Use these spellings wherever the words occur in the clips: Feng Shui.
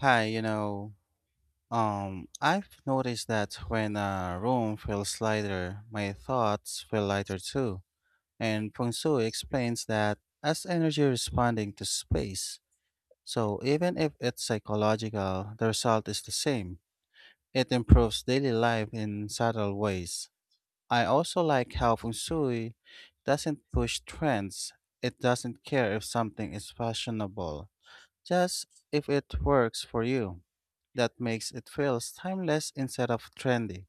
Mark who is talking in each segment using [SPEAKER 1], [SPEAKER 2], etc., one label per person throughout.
[SPEAKER 1] Hi, I've noticed that when a room feels lighter, my thoughts feel lighter too. And Feng Shui explains that as energy responding to space, so even if it's psychological, the result is the same. It improves daily life in subtle ways. I also like how Feng Shui doesn't push trends. It doesn't care if something is fashionable. Just if it works for you. That makes it feels timeless instead of trendy.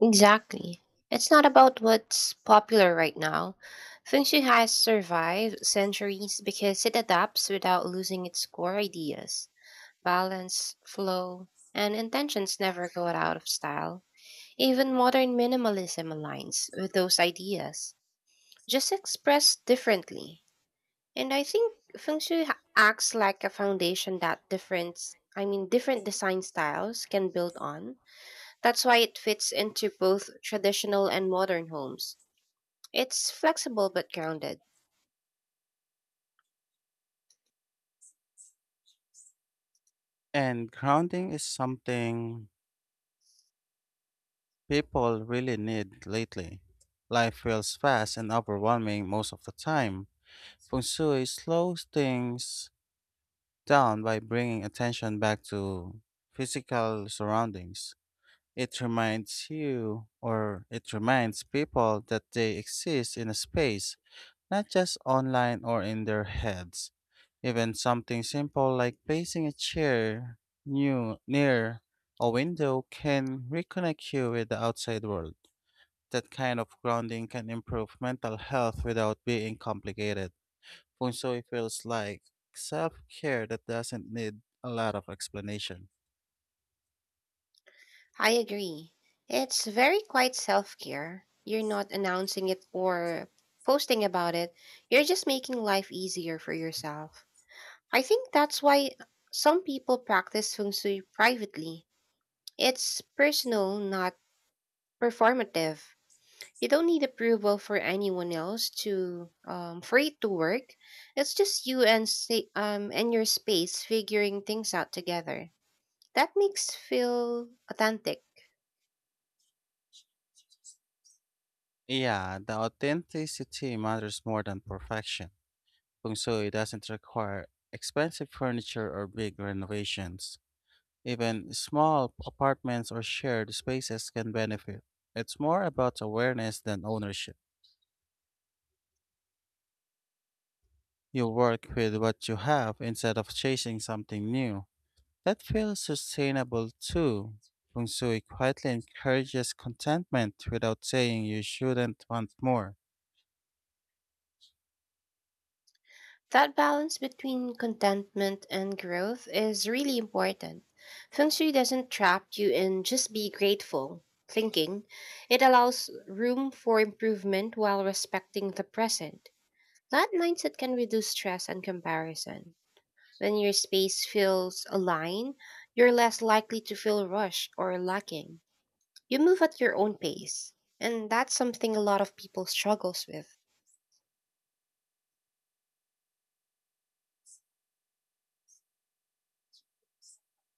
[SPEAKER 2] Exactly. It's not about what's popular right now. Feng Shui has survived centuries because it adapts without losing its core ideas. Balance, flow, and intentions never go out of style. Even modern minimalism aligns with those ideas, just expressed differently. And I think Feng Shui acts like a foundation that different design styles can build on. That's why it fits into both traditional and modern homes. It's flexible but grounded.
[SPEAKER 1] And grounding is something people really need lately. Life feels fast and overwhelming most of the time. Feng Shui slows things down by bringing attention back to physical surroundings. It reminds you, or it reminds people, that they exist in a space not just online or in their heads. Even something simple like placing a chair near a window can reconnect you with the outside world. That kind of grounding can improve mental health without being complicated. Feng Shui feels like self care that doesn't need a lot of explanation.
[SPEAKER 2] I agree. It's very quite self care. You're not announcing it or posting about it, you're just making life easier for yourself. I think that's why some people practice feng shui privately. It's personal, not performative. You don't need approval for anyone else to for it to work. It's just you and and your space figuring things out together. That makes feel authentic.
[SPEAKER 1] Yeah, the authenticity matters more than perfection. Feng Shui doesn't require expensive furniture or big renovations. Even small apartments or shared spaces can benefit. It's more about awareness than ownership. You work with what you have instead of chasing something new. That feels sustainable too. Feng Shui quietly encourages contentment without saying you shouldn't want more.
[SPEAKER 2] That balance between contentment and growth is really important. Feng Shui doesn't trap you in just be grateful thinking. It allows room for improvement while respecting the present. That mindset can reduce stress and comparison. When your space feels aligned, you're less likely to feel rushed or lacking. You move at your own pace, and that's something a lot of people struggles with.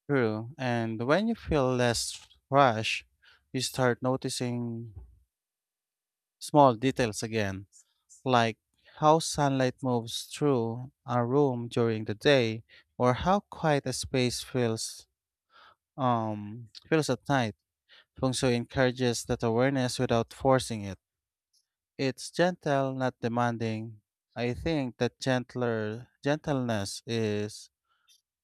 [SPEAKER 1] True, and when you feel less rushed, you start noticing small details again, like how sunlight moves through a room during the day or how quiet a space feels feels at night. Feng Shui encourages that awareness without forcing it. It's gentle, not demanding. I think that gentler gentleness is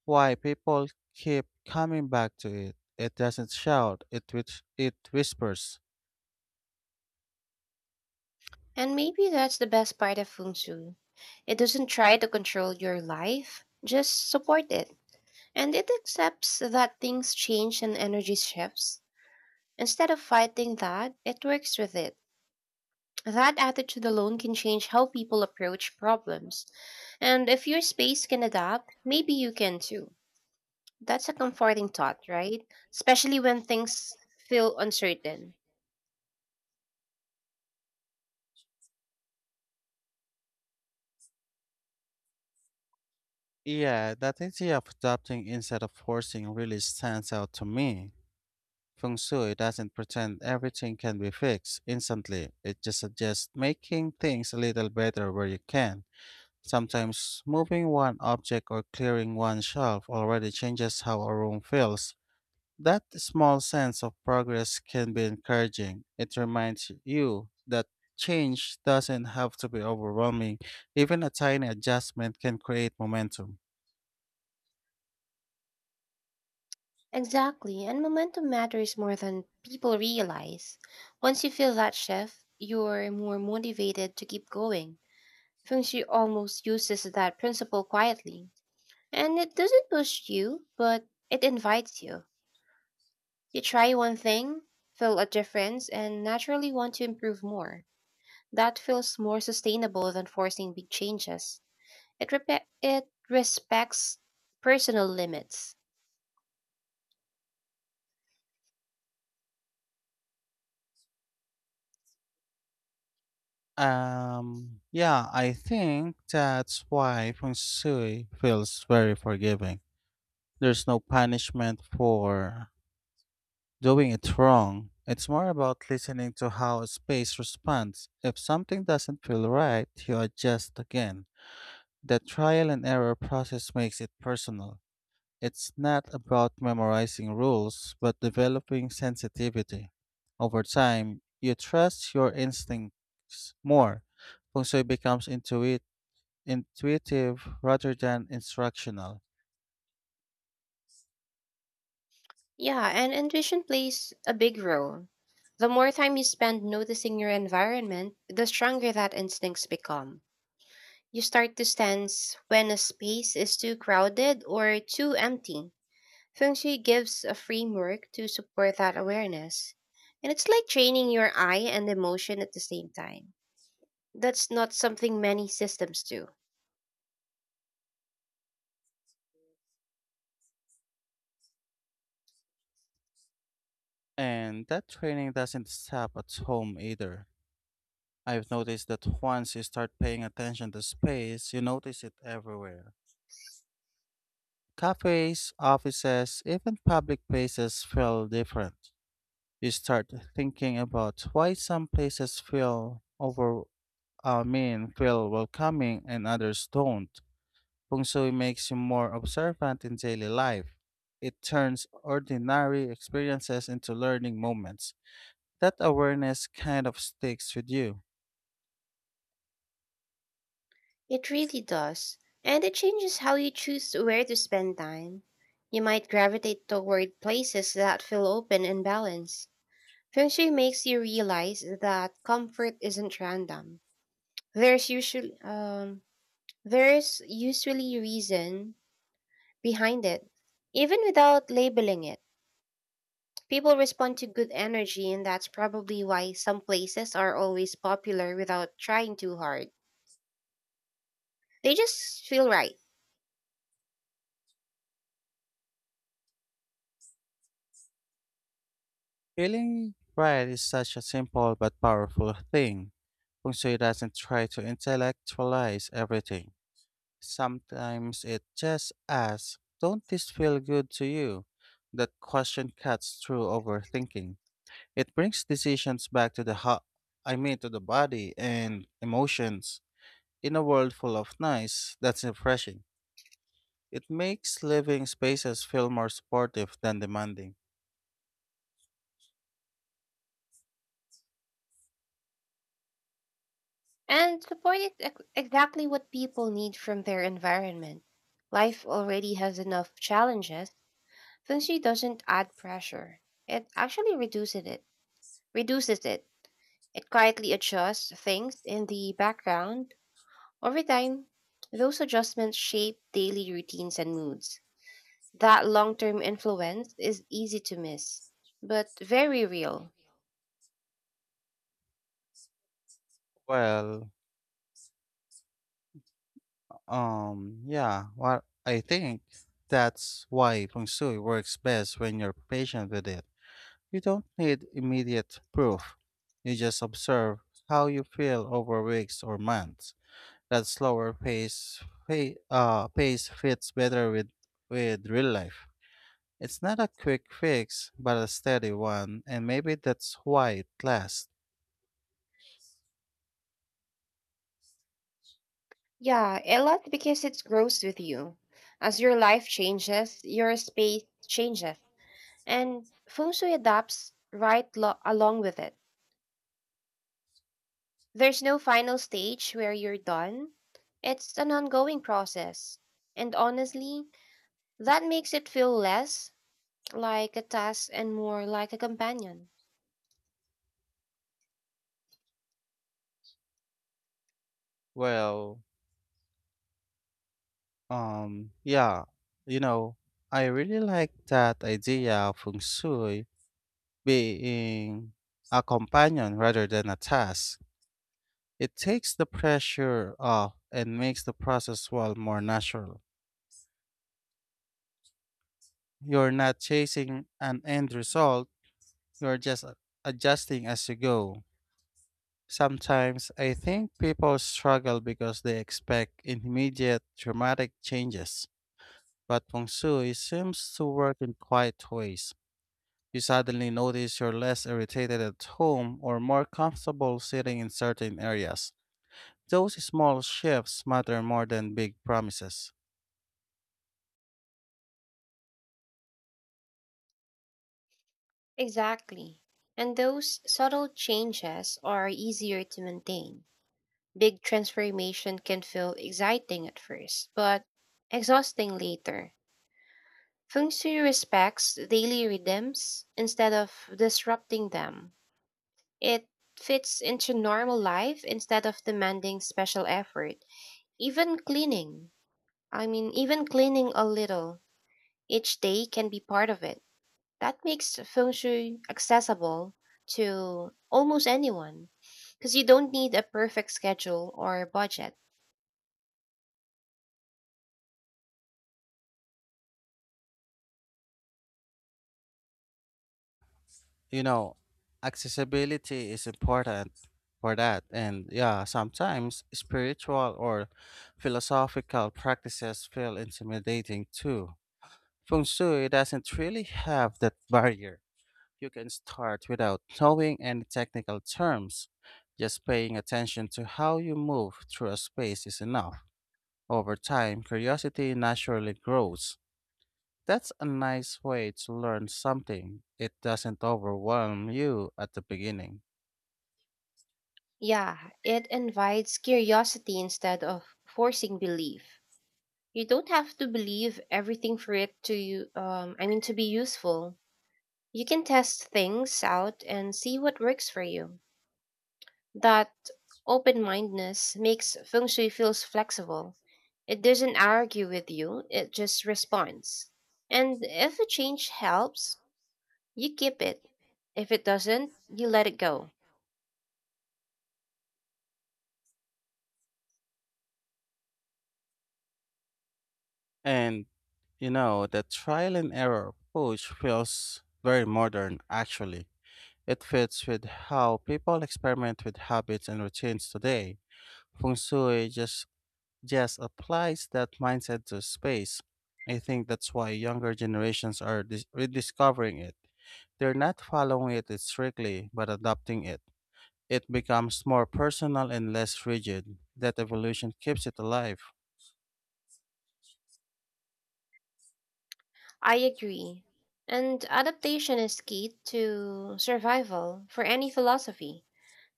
[SPEAKER 1] why people keep coming back to it. It doesn't shout, it whispers.
[SPEAKER 2] And maybe that's the best part of feng shui. It doesn't try to control your life, just support it. And it accepts that things change and energy shifts. Instead of fighting that, it works with it. That attitude alone can change how people approach problems. And if your space can adapt, maybe you can too. That's a comforting thought, right? Especially when things feel uncertain.
[SPEAKER 1] Yeah, that idea of adopting instead of forcing really stands out to me. Feng Shui doesn't pretend everything can be fixed instantly. It just suggests making things a little better where you can. Sometimes moving one object or clearing one shelf already changes how a room feels. That small sense of progress can be encouraging. It reminds you that change doesn't have to be overwhelming. Even a tiny adjustment can create momentum.
[SPEAKER 2] Exactly, and momentum matters more than people realize. Once you feel that shift, you're more motivated to keep going. Feng Shui almost uses that principle quietly. And it doesn't push you, but it invites you. You try one thing, feel a difference, and naturally want to improve more. That feels more sustainable than forcing big changes. It repe it respects personal limits.
[SPEAKER 1] Yeah, I think that's why Feng Shui feels very forgiving. There's no punishment for doing it wrong. It's more about listening to how a space responds. If something doesn't feel right, you adjust again. The trial and error process makes it personal. It's not about memorizing rules, but developing sensitivity. Over time, you trust your instincts more. Feng Shui becomes intuitive rather than instructional.
[SPEAKER 2] Yeah, and intuition plays a big role. The more time you spend noticing your environment, the stronger that instincts become. You start to sense when a space is too crowded or too empty. Feng Shui gives a framework to support that awareness. And it's like training your eye and emotion at the same time. That's not something many systems do.
[SPEAKER 1] And that training doesn't stop at home either. I've noticed that once you start paying attention to space, you notice it everywhere. Cafes, offices, even public places feel different. You start thinking about why some places feel over I mean feel welcoming and others don't. Feng Shui makes you more observant in daily life. It turns ordinary experiences into learning moments. That awareness kind of sticks with you.
[SPEAKER 2] It really does. And it changes how you choose where to spend time. You might gravitate toward places that feel open and balanced. Feng Shui makes you realize that comfort isn't random. There's usually um there's usually reason behind it. Even without labeling it. People respond to good energy, and that's probably why some places are always popular without trying too hard. They just feel right.
[SPEAKER 1] Feeling right is such a simple but powerful thing. Feng Shui doesn't try to intellectualize everything. Sometimes it just asks, don't this feel good to you? That question cuts through overthinking. It brings decisions back to the ho- I mean to the body and emotions. In a world full of noise, that's refreshing. It makes living spaces feel more supportive than demanding.
[SPEAKER 2] And support is exactly what people need from their environment. Life already has enough challenges. Feng doesn't add pressure. It actually reduces it. Reduces it. It quietly adjusts things in the background. Over time, those adjustments shape daily routines and moods. That long-term influence is easy to miss, but very real.
[SPEAKER 1] Well, I think that's why feng shui works best when you're patient with it. You don't need immediate proof. You just observe how you feel over weeks or months. That pace fits better with real life. It's not a quick fix, but a steady one, and maybe that's why it lasts.
[SPEAKER 2] Yeah, a lot because it grows with you. As your life changes, your space changes. And feng shui adapts right along with it. There's no final stage where you're done. It's an ongoing process. And honestly, that makes it feel less like a task and more like a companion.
[SPEAKER 1] Well, um, yeah, you know, I really like that idea of feng shui being a companion rather than a task. It takes the pressure off and makes the process well more natural. You're not chasing an end result, you're adjusting as you go. Sometimes I think people struggle because they expect immediate dramatic changes. But feng shui seems to work in quiet ways. You suddenly notice you're less irritated at home or more comfortable sitting in certain areas. Those small shifts matter more than big promises.
[SPEAKER 2] Exactly. And those subtle changes are easier to maintain. Big transformation can feel exciting at first, but exhausting later. Feng Shui respects daily rhythms instead of disrupting them. It fits into normal life instead of demanding special effort. Even cleaning a little each day can be part of it. That makes feng shui accessible to almost anyone because you don't need a perfect schedule or budget.
[SPEAKER 1] You know, Accessibility is important for that. And yeah, sometimes spiritual or philosophical practices feel intimidating too. Feng Shui doesn't really have that barrier. You can start without knowing any technical terms. Just paying attention to how you move through a space is enough. Over time, curiosity naturally grows. That's a nice way to learn something. It doesn't overwhelm you at the beginning.
[SPEAKER 2] Yeah, it invites curiosity instead of forcing belief. You don't have to believe everything for it to, to be useful. You can test things out and see what works for you. That open mindedness makes feng shui feels flexible. It doesn't argue with you, it just responds. And if a change helps, you keep it. If it doesn't, you let it go.
[SPEAKER 1] And the trial and error approach feels very modern actually. It fits with how people experiment with habits and routines today. Feng Shui just applies that mindset to space. I think that's why younger generations are rediscovering it. They're not following it strictly, but adopting it. It becomes more personal and less rigid. That evolution keeps it alive.
[SPEAKER 2] I agree. And adaptation is key to survival for any philosophy.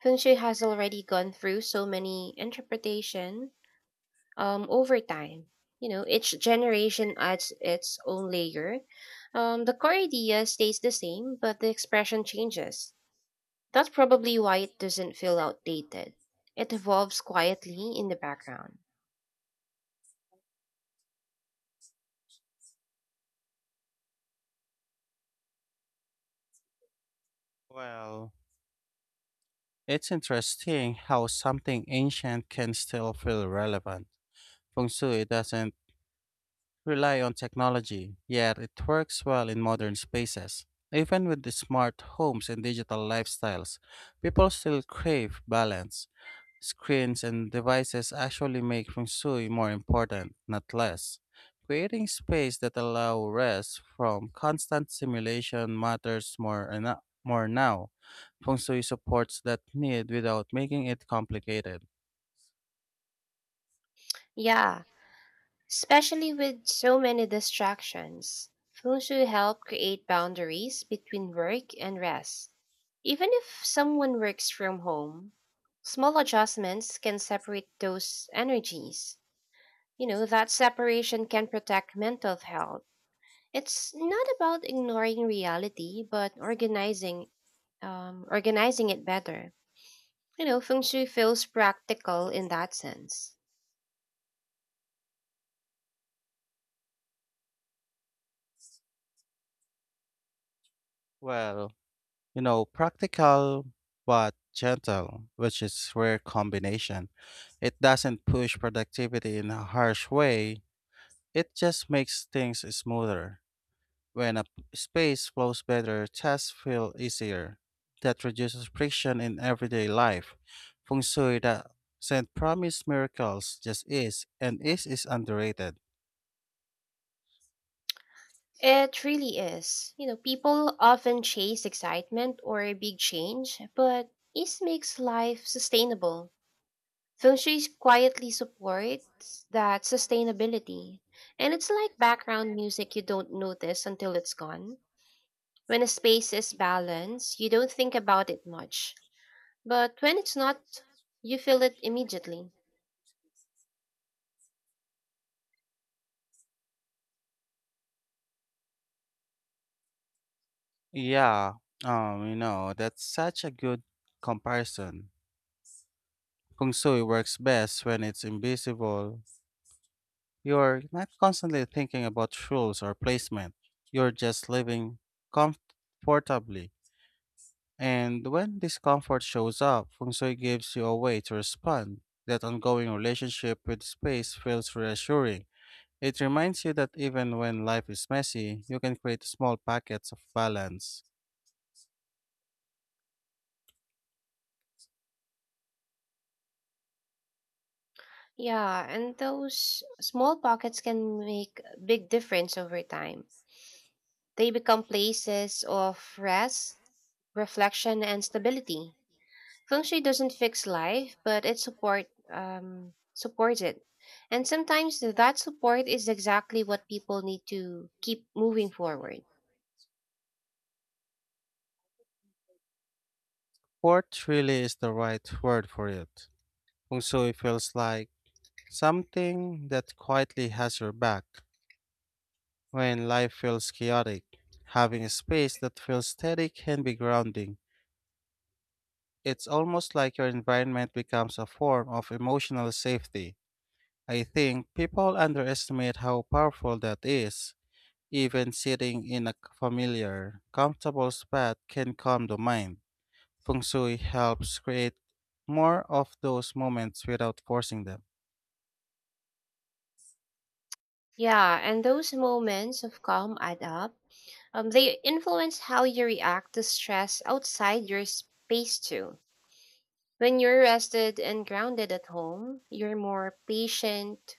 [SPEAKER 2] Feng Shui has already gone through so many interpretation over time. You know, each generation adds its own layer. The core idea stays the same, but the expression changes. That's probably why it doesn't feel outdated. It evolves quietly in the background.
[SPEAKER 1] Well, it's interesting how something ancient can still feel relevant. Feng Shui doesn't rely on technology, yet it works well in modern spaces. Even with the smart homes and digital lifestyles, people still crave balance. Screens and devices actually make feng shui more important, not less. Creating space that allow rest from constant stimulation matters more and more now. Feng shui supports that need without making it complicated.
[SPEAKER 2] Yeah, especially with so many distractions. Feng Shui help create boundaries between work and rest. Even if someone works from home, small adjustments can separate those energies. You know, that separation can protect mental health. It's not about ignoring reality, but organizing it better. You know, feng shui feels practical in that sense.
[SPEAKER 1] Well, Practical but gentle, which is rare combination. It doesn't push productivity in a harsh way. It just makes things smoother. When space flows better, tasks feel easier. That reduces friction in everyday life. Feng Shui doesn't promise miracles, just is, and is underrated.
[SPEAKER 2] It really is. You know, people often chase excitement or a big change, but ease makes life sustainable. Feng shui quietly supports that sustainability. And it's like background music you don't notice until it's gone. When a space is balanced, you don't think about it much. But when it's not, you feel it immediately.
[SPEAKER 1] Yeah, that's such a good comparison. Feng Shui works best when it's invisible. You're not constantly thinking about rules or placement. You're just living comfortably. And when discomfort shows up, feng shui gives you a way to respond. That ongoing relationship with space feels reassuring. It reminds you that even when life is messy, you can create small packets of balance.
[SPEAKER 2] Yeah, and those small pockets can make a big difference over time. They become places of rest, reflection, and stability. Feng Shui doesn't fix life, but it supports it. And sometimes that support is exactly what people need to keep moving forward.
[SPEAKER 1] Port really is the right word for it. Feng shui feels like something that quietly has your back. When life feels chaotic, having a space that feels steady can be grounding. It's almost like your environment becomes a form of emotional safety. I think people underestimate how powerful that is. Even sitting in a familiar, comfortable spot can calm the mind. Feng Shui helps create more of those moments without forcing them.
[SPEAKER 2] Yeah, and those moments of calm add up. They influence how you react to stress outside your space too. When you're rested and grounded at home, you're more patient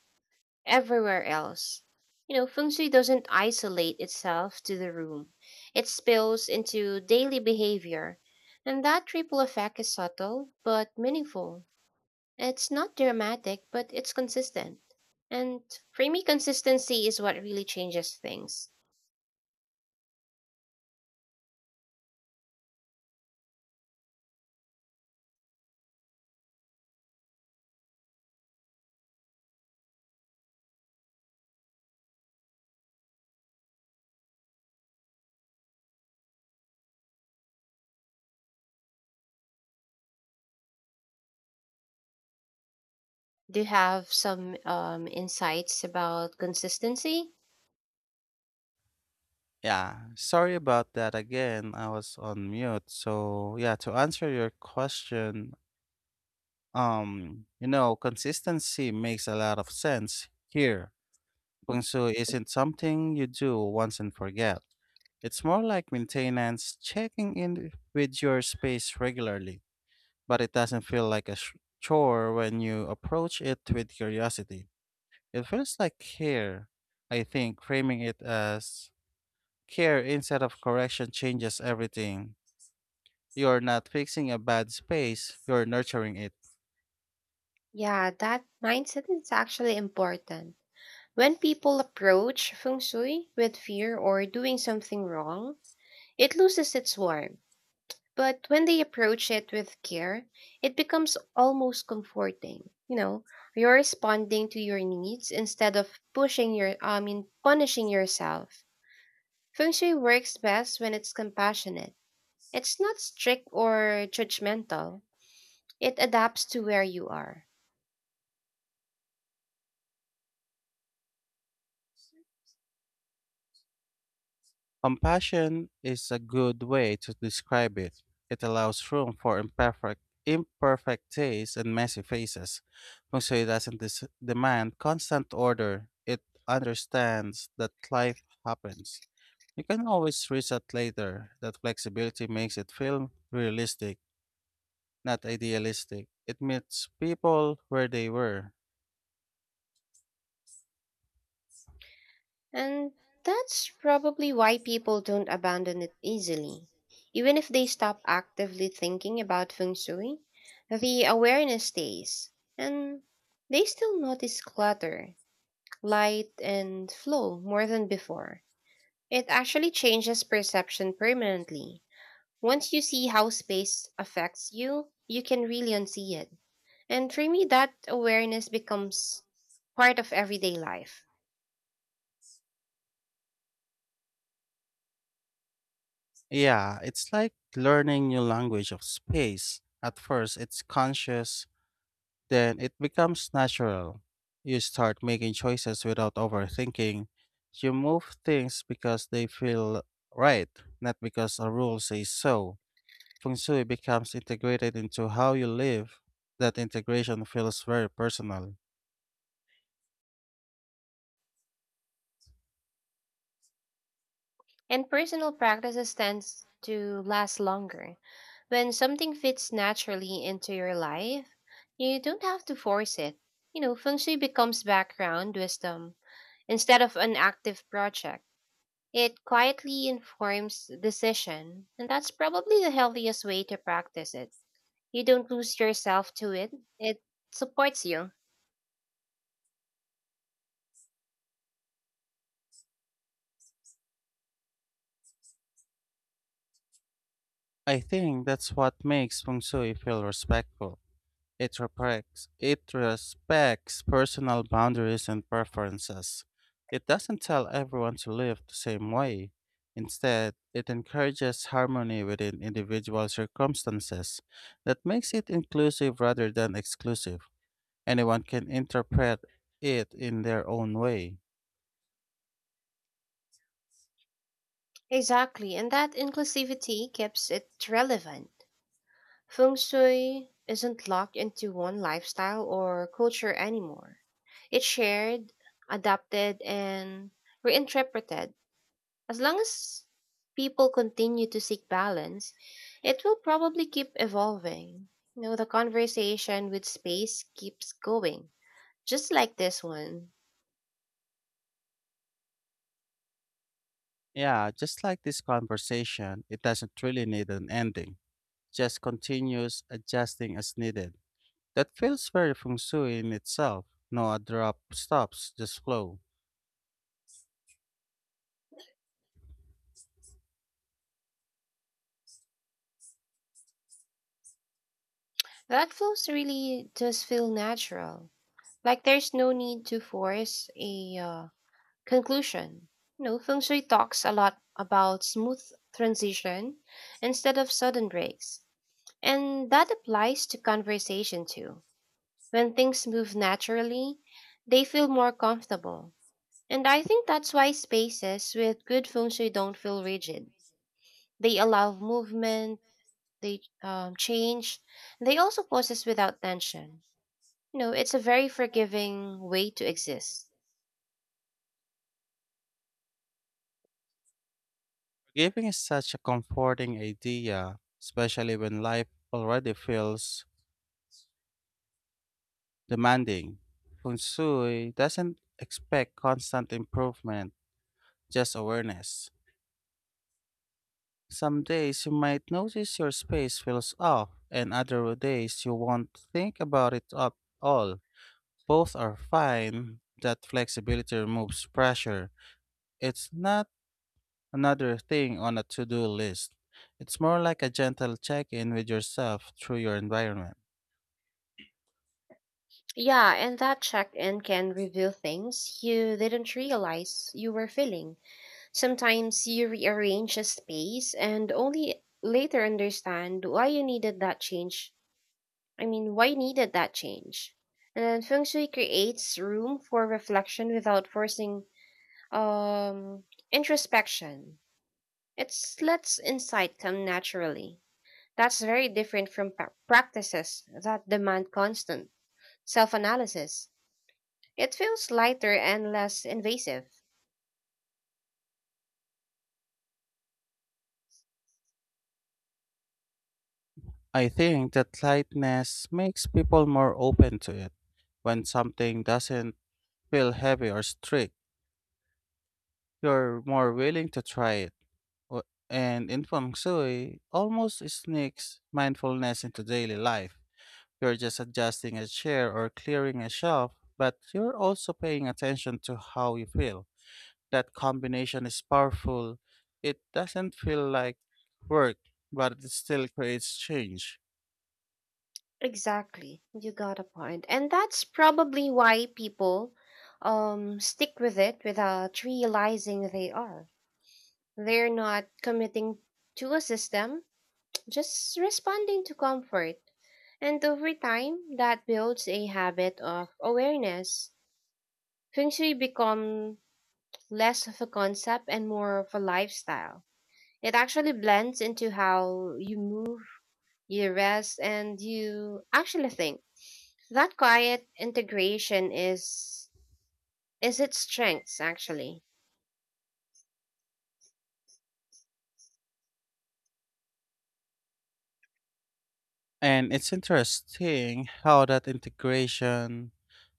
[SPEAKER 2] everywhere else. You know, feng shui doesn't isolate itself to the room. It spills into daily behavior. And that ripple effect is subtle but meaningful. It's not dramatic, but it's consistent. And for me, consistency is what really changes things. Do you have some insights about consistency?
[SPEAKER 1] Yeah, sorry about that again. I was on mute. So, yeah, to answer your question, consistency makes a lot of sense here. Kung Su isn't something you do once and forget. It's more like maintenance, checking in with your space regularly, but it doesn't feel like chore when you approach it with curiosity. It feels like care. I think framing it as care instead of correction changes everything. You're not fixing a bad space, you're nurturing it.
[SPEAKER 2] Yeah, that mindset is actually important. When people approach feng shui with fear or doing something wrong, it loses its warmth. But when they approach it with care, it becomes almost comforting. You know, you're responding to your needs instead of pushing your, I mean, punishing yourself. Feng Shui works best when it's compassionate. It's not strict or judgmental. It adapts to where you are.
[SPEAKER 1] Compassion is a good way to describe it. It allows room for imperfect tastes and messy faces. Feng Shui doesn't demand constant order. It understands that life happens. You can always reset later. That flexibility makes it feel realistic, not idealistic. It meets people where they were.
[SPEAKER 2] And that's probably why people don't abandon it easily. Even if they stop actively thinking about feng shui, the awareness stays, and they still notice clutter, light, and flow more than before. It actually changes perception permanently. Once you see how space affects you, you can really unsee it. And for me, that awareness becomes part of everyday life.
[SPEAKER 1] Yeah, it's like learning new language of space. At first, it's conscious, then it becomes natural. You start making choices without overthinking. You move things because they feel right, not because a rule says so. Feng Shui becomes integrated into how you live. That integration feels very personal.
[SPEAKER 2] And personal practices tends to last longer. When something fits naturally into your life, you don't have to force it. You know, feng shui becomes background wisdom instead of an active project. It quietly informs decision, and that's probably the healthiest way to practice it. You don't lose yourself to it. It supports you.
[SPEAKER 1] I think that's what makes Feng Shui feel respectful. It respects personal boundaries and preferences. It doesn't tell everyone to live the same way. Instead, it encourages harmony within individual circumstances. That makes it inclusive rather than exclusive. Anyone can interpret it in their own way.
[SPEAKER 2] Exactly, and that inclusivity keeps it relevant. Feng Shui isn't locked into one lifestyle or culture anymore. It's shared, adapted, and reinterpreted. As long as people continue to seek balance, it will probably keep evolving. You know, the conversation with space keeps going, just like this one.
[SPEAKER 1] Yeah, just like this conversation, it doesn't really need an ending, just continues adjusting as needed. That feels very feng shui in itself. No a drop stops, just flow.
[SPEAKER 2] That flows really does feel natural. Like there's no need to force a Conclusion. You know, feng shui talks a lot about smooth transition instead of sudden breaks. And that applies to conversation too. When things move naturally, they feel more comfortable. And I think that's why spaces with good feng shui don't feel rigid. They allow movement, they change, and they also poses without tension. You know, it's a very forgiving way to exist.
[SPEAKER 1] Forgiving is such a comforting idea, especially when life already feels demanding. Feng shui doesn't expect constant improvement, just awareness. Some days you might notice your space feels off, and other days you won't think about it at all. Both are fine. That flexibility removes pressure. It's not another thing on a to do list. It's more like a gentle check in with yourself through your environment.
[SPEAKER 2] Yeah, and that check in can reveal things you didn't realize you were feeling. Sometimes you rearrange a space and only later understand why you needed that change. I mean, why you needed that change. And then feng shui creates room for reflection without forcing um introspection. It lets insight come naturally. That's very different from practices that demand constant self-analysis. It feels lighter and less invasive.
[SPEAKER 1] I think that lightness makes people more open to it. When something doesn't feel heavy or strict, you're more willing to try it. O- And in feng shui, almost sneaks mindfulness into daily life. You're just adjusting a chair or clearing a shelf, but you're also paying attention to how you feel. That combination is powerful. It doesn't feel like work, but it still creates change.
[SPEAKER 2] Exactly. You got a point. And that's probably why people stick with it without realizing they are. They're not committing to a system, just responding to comfort. And over time, that builds a habit of awareness. Feng Shui become less of a concept and more of a lifestyle. It actually blends into how you move, you rest, and you actually think. That quiet integration is its strengths actually.
[SPEAKER 1] And it's interesting how that integration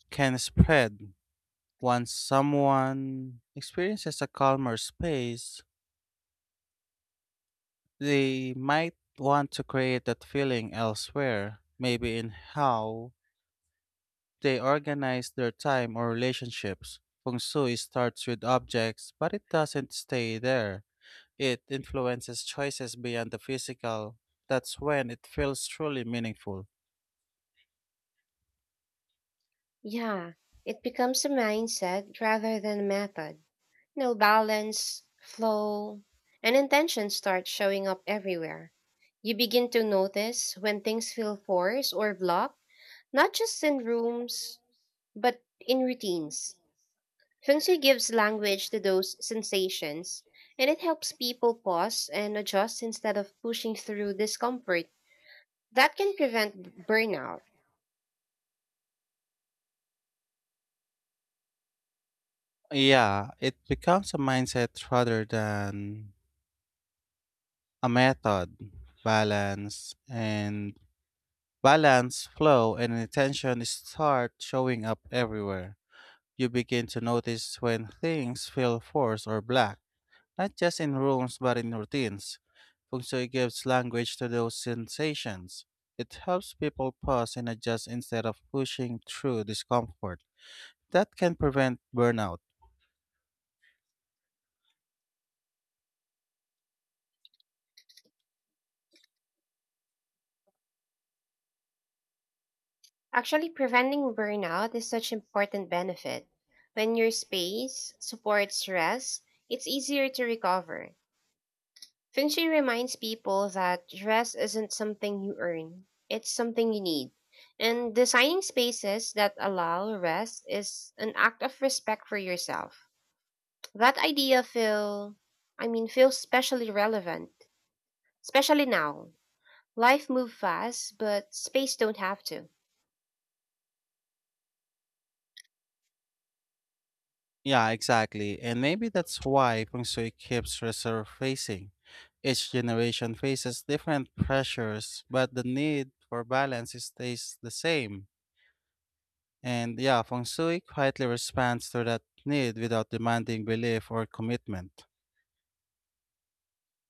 [SPEAKER 1] can spread. Once someone experiences a calmer space, they might want to create that feeling elsewhere, maybe in how they organize their time or relationships. Feng Shui starts with objects, but it doesn't stay there. It influences choices beyond the physical. That's when it feels truly meaningful.
[SPEAKER 2] Yeah, it becomes a mindset rather than a method. You know, balance, flow, and intention start showing up everywhere. You begin to notice when things feel forced or blocked, not just in rooms, but in routines. Sensei gives language to those sensations, and it helps people pause and adjust instead of pushing through discomfort. That can prevent burnout.
[SPEAKER 1] Yeah, it becomes a mindset rather than a method. Balance and Balance, flow, and intention start showing up everywhere. You begin to notice when things feel forced or black, not just in rules but in routines. Feng Shui gives language to those sensations. It helps people pause and adjust instead of pushing through discomfort. That can prevent burnout.
[SPEAKER 2] Actually, preventing burnout is such important benefit. When your space supports rest, it's easier to recover. Finchi reminds people that rest isn't something you earn, it's something you need. And designing spaces that allow rest is an act of respect for yourself. That idea feels especially relevant, especially now. Life move fast, but space don't have to.
[SPEAKER 1] Yeah, exactly. And maybe that's why Feng Shui keeps resurfacing. Each generation faces different pressures, but the need for balance stays the same. And yeah, Feng Shui quietly responds to that need without demanding belief or commitment.